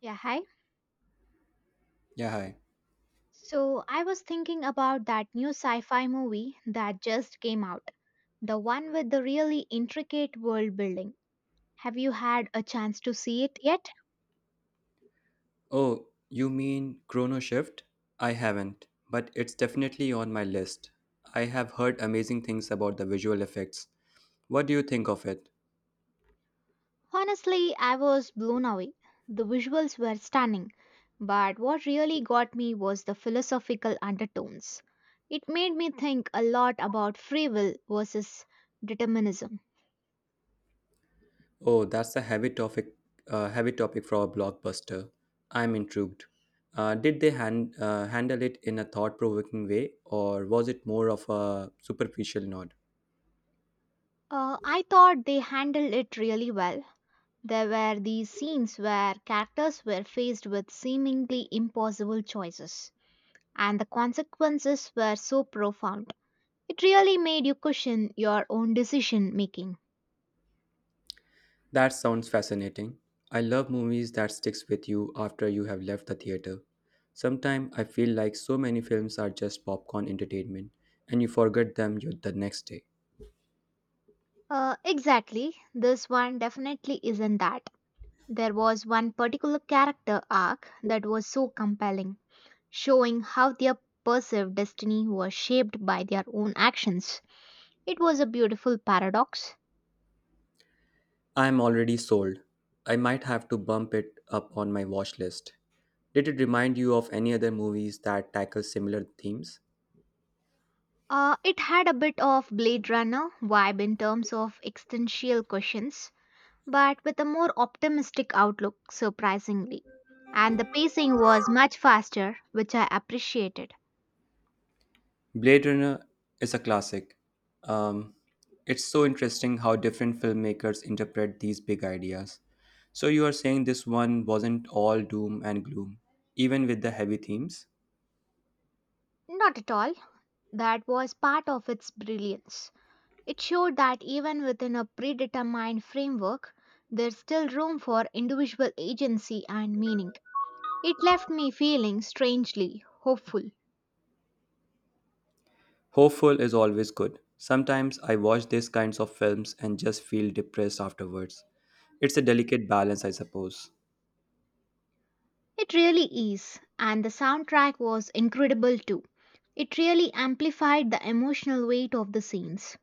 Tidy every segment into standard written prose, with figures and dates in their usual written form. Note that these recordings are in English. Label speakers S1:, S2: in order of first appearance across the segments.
S1: Yeah, hi.
S2: Yeah, hi.
S1: So I was thinking about that new sci fi movie that just came out, the one with the really intricate world building. Have you had a chance to see it yet?
S2: Oh, you mean Chrono Shift? I haven't, but it's definitely on my list. I have heard amazing things about the visual effects. What do you think of it?
S1: Honestly, I was blown away. The visuals were stunning, but what really got me was the philosophical undertones. It made me think a lot about free will versus determinism.
S2: Oh, that's a heavy topic for a blockbuster. I'm intrigued. Did they handle it in a thought-provoking way, or was it more of a superficial nod?
S1: I thought they handled it really well. There were these scenes where characters were faced with seemingly impossible choices, and the consequences were so profound. It really made you question your own decision making.
S2: That sounds fascinating. I love movies that sticks with you after you have left the theater. Sometimes I feel like so many films are just popcorn entertainment and you forget them the next day.
S1: Exactly, this one definitely isn't that. There was one particular character arc that was so compelling, showing how their perceived destiny was shaped by their own actions. It was a beautiful paradox.
S2: I am already sold. I might have to bump it up on my watch list. Did it remind you of any other movies that tackle similar themes?
S1: It had a bit of Blade Runner vibe in terms of existential questions, but with a more optimistic outlook, surprisingly. And the pacing was much faster, which I appreciated.
S2: Blade Runner is a classic. Um, it's so interesting how different filmmakers interpret these big ideas. So, you are saying this one wasn't all doom and gloom, even with the heavy themes?
S1: Not at all. That was part of its brilliance. It showed that even within a predetermined framework, there's still room for individual agency and meaning. It left me feeling strangely hopeful.
S2: Hopeful is always good. Sometimes I watch these kinds of films and just feel depressed afterwards. It's a delicate balance, I suppose.
S1: It really is, and the soundtrack was incredible too. It really amplified the emotional weight of the scenes.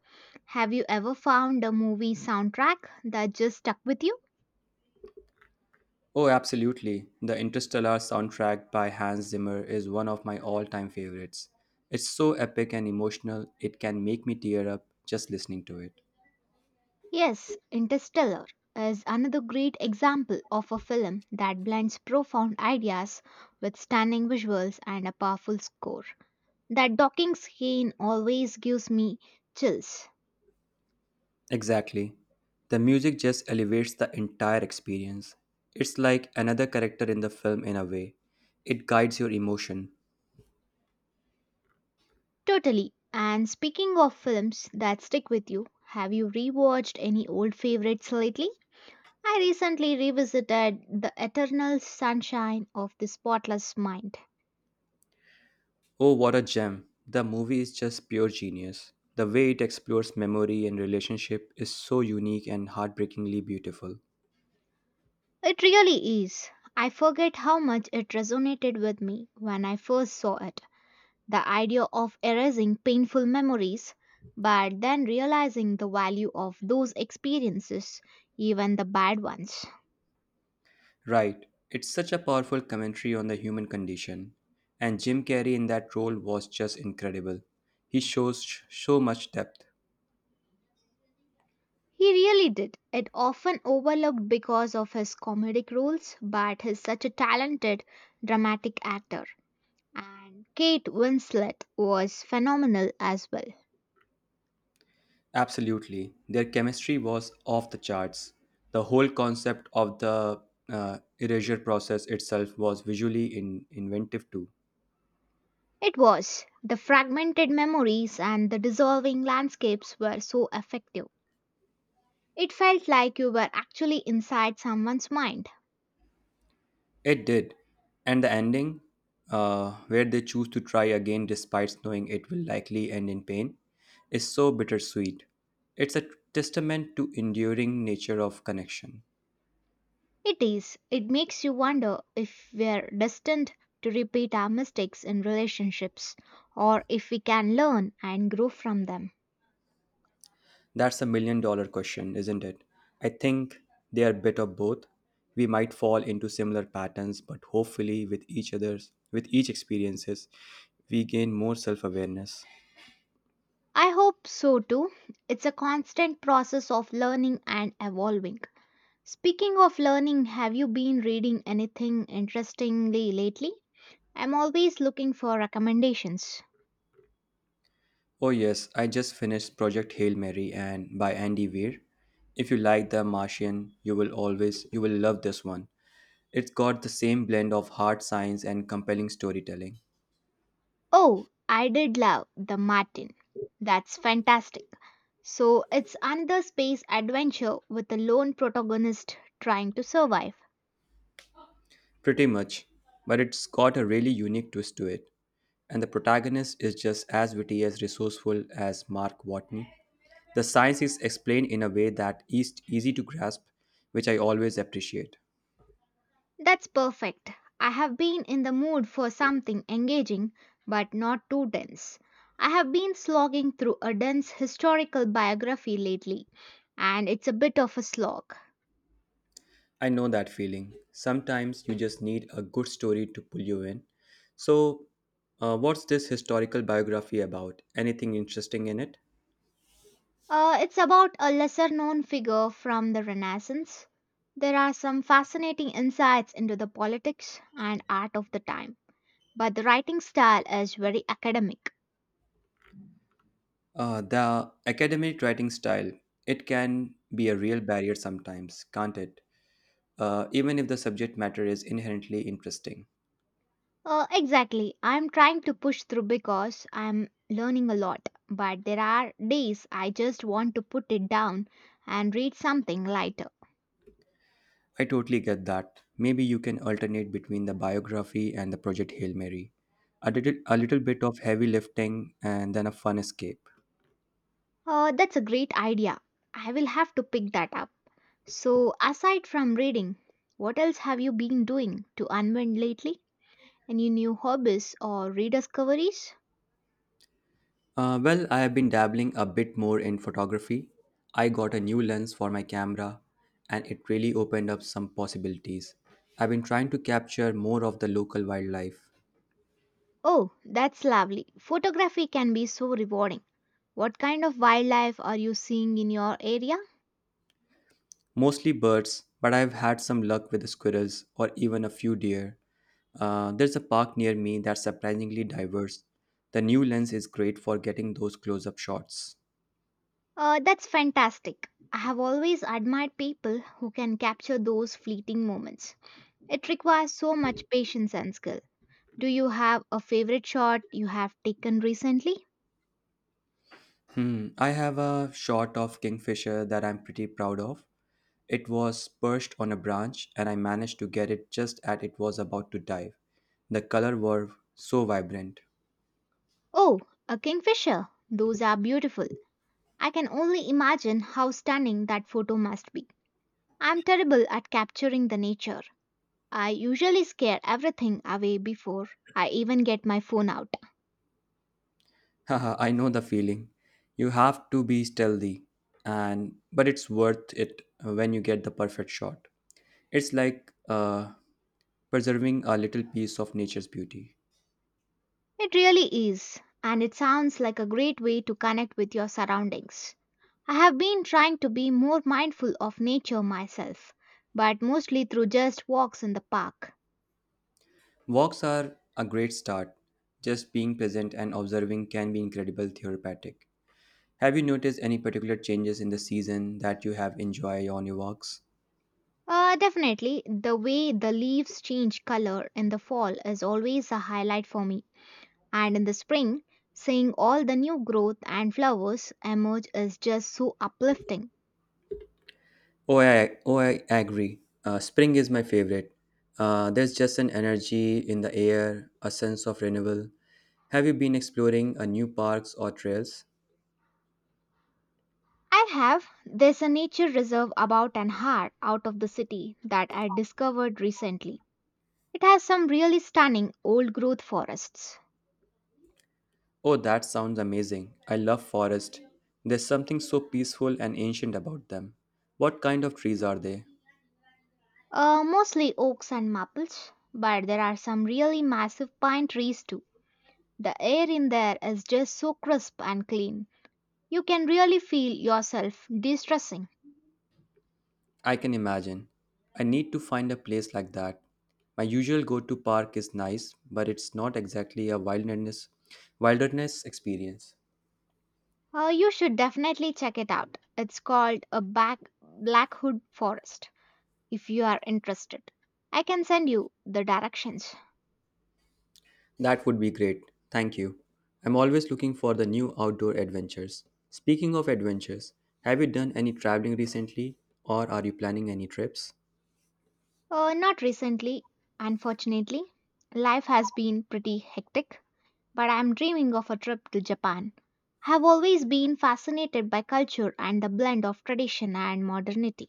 S1: Have you ever found a movie soundtrack that just stuck with you?
S2: Oh, absolutely. The Interstellar soundtrack by Hans Zimmer is one of my all time favorites. It's so epic and emotional, it can make me tear up just listening to it.
S1: Yes, Interstellar is another great example of a film that blends profound ideas with stunning visuals and a powerful score. That docking scene always gives me chills.
S2: Exactly. The music just elevates the entire experience. It's like another character in the film in a way. It guides your emotion.
S1: Totally. And speaking of films that stick with you, have you rewatched any old favorites lately? I recently revisited The Eternal Sunshine of the Spotless Mind.
S2: Oh, what a gem. The movie is just pure genius. The way it explores memory and relationship is so unique and heartbreakingly beautiful.
S1: It really is. I forget how much it resonated with me when I first saw it. The idea of erasing painful memories, but then realizing the value of those experiences, even the bad ones.
S2: Right, it's such a powerful commentary on the human condition. And Jim Carrey in that role was just incredible. He shows so much depth.
S1: He really did. It often overlooked because of his comedic roles, but he's such a talented dramatic actor. And Kate Winslet was phenomenal as well.
S2: Absolutely, their chemistry was off the charts. The whole concept of the erasure process itself was visually inventive too.
S1: It was. The fragmented memories and the dissolving landscapes were so effective. It felt like you were actually inside someone's mind.
S2: It did. And the ending, where they choose to try again despite knowing it will likely end in pain, is so bittersweet. It's a testament to enduring nature of connection.
S1: It is. It makes you wonder if we're destined to repeat our mistakes in relationships or if we can learn and grow from them.
S2: That's a million dollar question, isn't it? I think they are a bit of both. We might fall into similar patterns, but hopefully with each other's with each experiences, we gain more self-awareness.
S1: I hope so too. It's a constant process of learning and evolving. Speaking of learning, have you been reading anything interestingly lately? I'm always looking for recommendations.
S2: Oh, yes, I just finished Project Hail Mary and by Andy Weir. If you like The Martian, you will love this one. It's got the same blend of hard science and compelling storytelling,
S1: Oh, I did love The Martin. That's fantastic. So, it's another space adventure with a lone protagonist trying to survive.
S2: pretty much, but it's got a really unique twist to it. And the protagonist is just as witty as resourceful as Mark Watney. The science is explained in a way that is easy to grasp, which I always appreciate.
S1: That's perfect. I have been in the mood for something engaging but not too dense. I have been slogging through a dense historical biography lately, and it's a bit of a slog.
S2: I know that feeling. Sometimes you just need a good story to pull you in. So, what's this historical biography about? Anything interesting in it?
S1: It's about a lesser known figure from the Renaissance. There are some fascinating insights into the politics and art of the time, but the writing style is very academic.
S2: The academic writing style, it can be a real barrier sometimes, can't it? Even if the subject matter is inherently interesting.
S1: Exactly. I'm trying to push through because I'm learning a lot, but there are days I just want to put it down and read something lighter.
S2: I totally get that. Maybe you can alternate between the biography and the Project Hail Mary. A little bit of heavy lifting and then a fun escape.
S1: That's a great idea. I will have to pick that up. So, aside from reading, what else have you been doing to unwind lately? Any new hobbies or rediscoveries?
S2: Well, I have been dabbling a bit more in photography. I got a new lens for my camera and it really opened up some possibilities. I've been trying to capture more of the local wildlife,
S1: Oh, that's lovely. Photography can be so rewarding. What kind of wildlife are you seeing in your area?
S2: mostly birds, but I've had some luck with the squirrels or even a few deer. There's a park near me that's surprisingly diverse. The new lens is great for getting those close up shots.
S1: That's fantastic. I have always admired people who can capture those fleeting moments. It requires so much patience and skill. Do you have a favorite shot you have taken recently?
S2: Hmm, I have a shot of Kingfisher that I'm pretty proud of. It was perched on a branch, and I managed to get it just as it was about to dive. The colors were so vibrant.
S1: Oh, a kingfisher. Those are beautiful. I can only imagine how stunning that photo must be. I'm terrible at capturing the nature. I usually scare everything away before I even get my phone out.
S2: Haha, I know the feeling. You have to be stealthy, and but it's worth it when you get the perfect shot. It's like preserving a little piece of nature's beauty.
S1: It really is, and it sounds like a great way to connect with your surroundings. I have been trying to be more mindful of nature myself, but mostly through just walks in the park.
S2: Walks are a great start. Just being present and observing can be incredible therapeutic. Have you noticed any particular changes in the season that you have enjoyed on your walks?
S1: Definitely, the way the leaves change color in the fall is always a highlight for me, and in the spring, seeing all the new growth and flowers emerge is just so uplifting.
S2: Oh, I agree. Spring is my favorite. There's just an energy in the air, a sense of renewal. Have you been exploring a new parks or trails?
S1: I have. There's a nature reserve about an hour out of the city that I discovered recently. It has some really stunning old growth forests,
S2: Oh, that sounds amazing. I love forest. There's something so peaceful and ancient about them. What kind of trees are they?
S1: mostly oaks and maples, but there are some really massive pine trees too. The air in there is just so crisp and clean. You can really feel yourself de-stressing.
S2: I can imagine. I need to find a place like that. My usual go-to park is nice, but it's not exactly a wilderness experience.
S1: You should definitely check it out. It's called a back Black Hood Forest if you are interested. I can send you the directions.
S2: That would be great. Thank you. I'm always looking for the new outdoor adventures. Speaking of adventures, have you done any traveling recently or are you planning any trips?
S1: Not recently, unfortunately. Life has been pretty hectic, but I'm dreaming of a trip to Japan. Have always been fascinated by culture and the blend of tradition and modernity.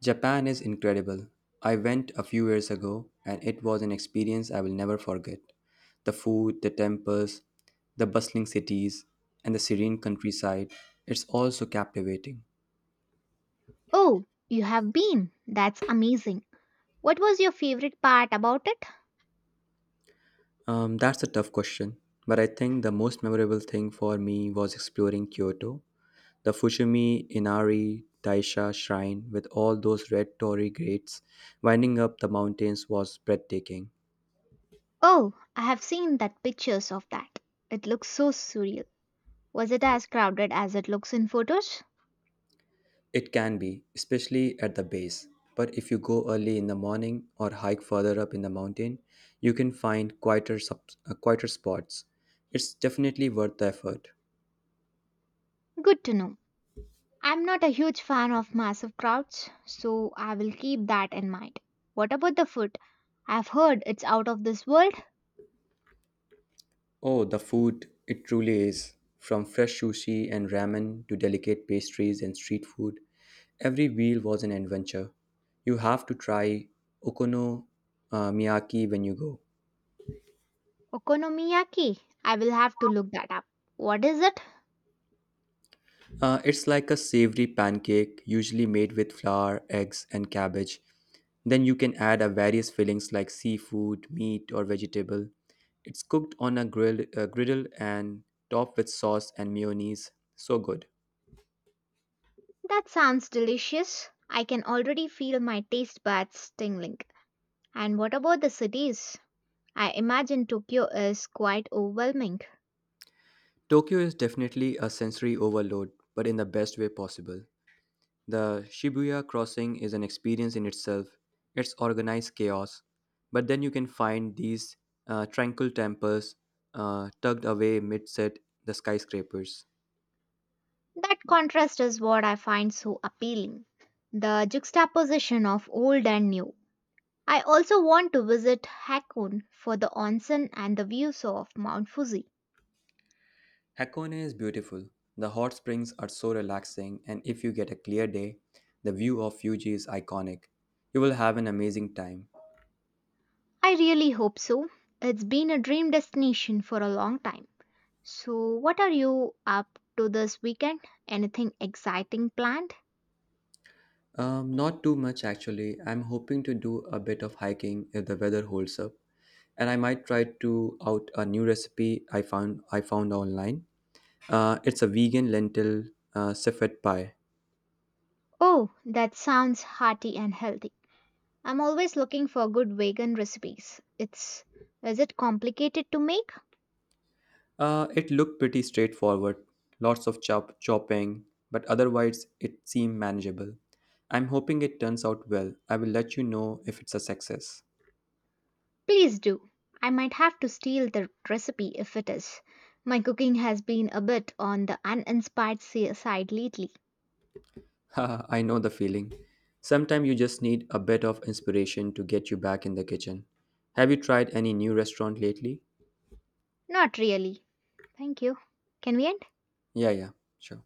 S2: Japan is incredible. I went a few years ago and it was an experience I will never forget. The food, the temples, the bustling cities, and the serene countryside, it's all so captivating.
S1: Oh, you have been? That's amazing. What was your favorite part about it?
S2: That's a tough question, but I think the most memorable thing for me was exploring Kyoto. The Fushimi Inari Taisha shrine, with all those red torii grates winding up the mountains, was breathtaking.
S1: Oh, I have seen that pictures of that. It looks so surreal. Was it as crowded as it looks in photos?
S2: It can be, especially at the base. But if you go early in the morning or hike further up in the mountain, you can find quieter spots. It's definitely worth the effort.
S1: Good to know. I'm not a huge fan of massive crowds, so I will keep that in mind. What about the food? I've heard it's out of this world.
S2: Oh, the food, it truly is. From fresh sushi and ramen to delicate pastries and street food, every meal was an adventure. You have to try okonomiyaki when you go.
S1: Okonomiyaki. I will have to look that up. What is it?
S2: It's like a savory pancake, usually made with flour, eggs, and cabbage. Then you can add a various fillings like seafood, meat, or vegetable. It's cooked on a griddle and topped with sauce and mayonnaise. So good.
S1: That sounds delicious. I can already feel my taste buds tingling. And what about the cities? I imagine Tokyo is quite overwhelming.
S2: Tokyo is definitely a sensory overload, but in the best way possible. The Shibuya crossing is an experience in itself, it's organized chaos. But then you can find these tranquil temples tucked away mid set the skyscrapers.
S1: That contrast is what I find so appealing. The juxtaposition of old and new. I also want to visit Hakone for the onsen and the views of Mount Fuji.
S2: Hakone is beautiful. The hot springs are so relaxing, and if you get a clear day, the view of Fuji is iconic. You will have an amazing time.
S1: I really hope so. It's been a dream destination for a long time. So, what are you up to this weekend? Anything exciting planned?
S2: Not too much actually. I'm hoping to do a bit of hiking if the weather holds up. And I might try to out a new recipe I found online. It's a vegan lentil civet pie.
S1: Oh, that sounds hearty and healthy. I'm always looking for good vegan recipes. It's is it complicated to make?
S2: It looked pretty straightforward, lots of chopping, but otherwise it seemed manageable. I'm hoping it turns out well. I will let you know if it's a success.
S1: Please do. I might have to steal the recipe if it is. My cooking has been a bit on the side lately.
S2: Haha, I know the feeling. Sometimes you just need a bit of inspiration to get you back in the kitchen. Have you tried any new restaurant lately?
S1: Not really. Thank you. Can we end?
S2: Yeah, yeah, sure.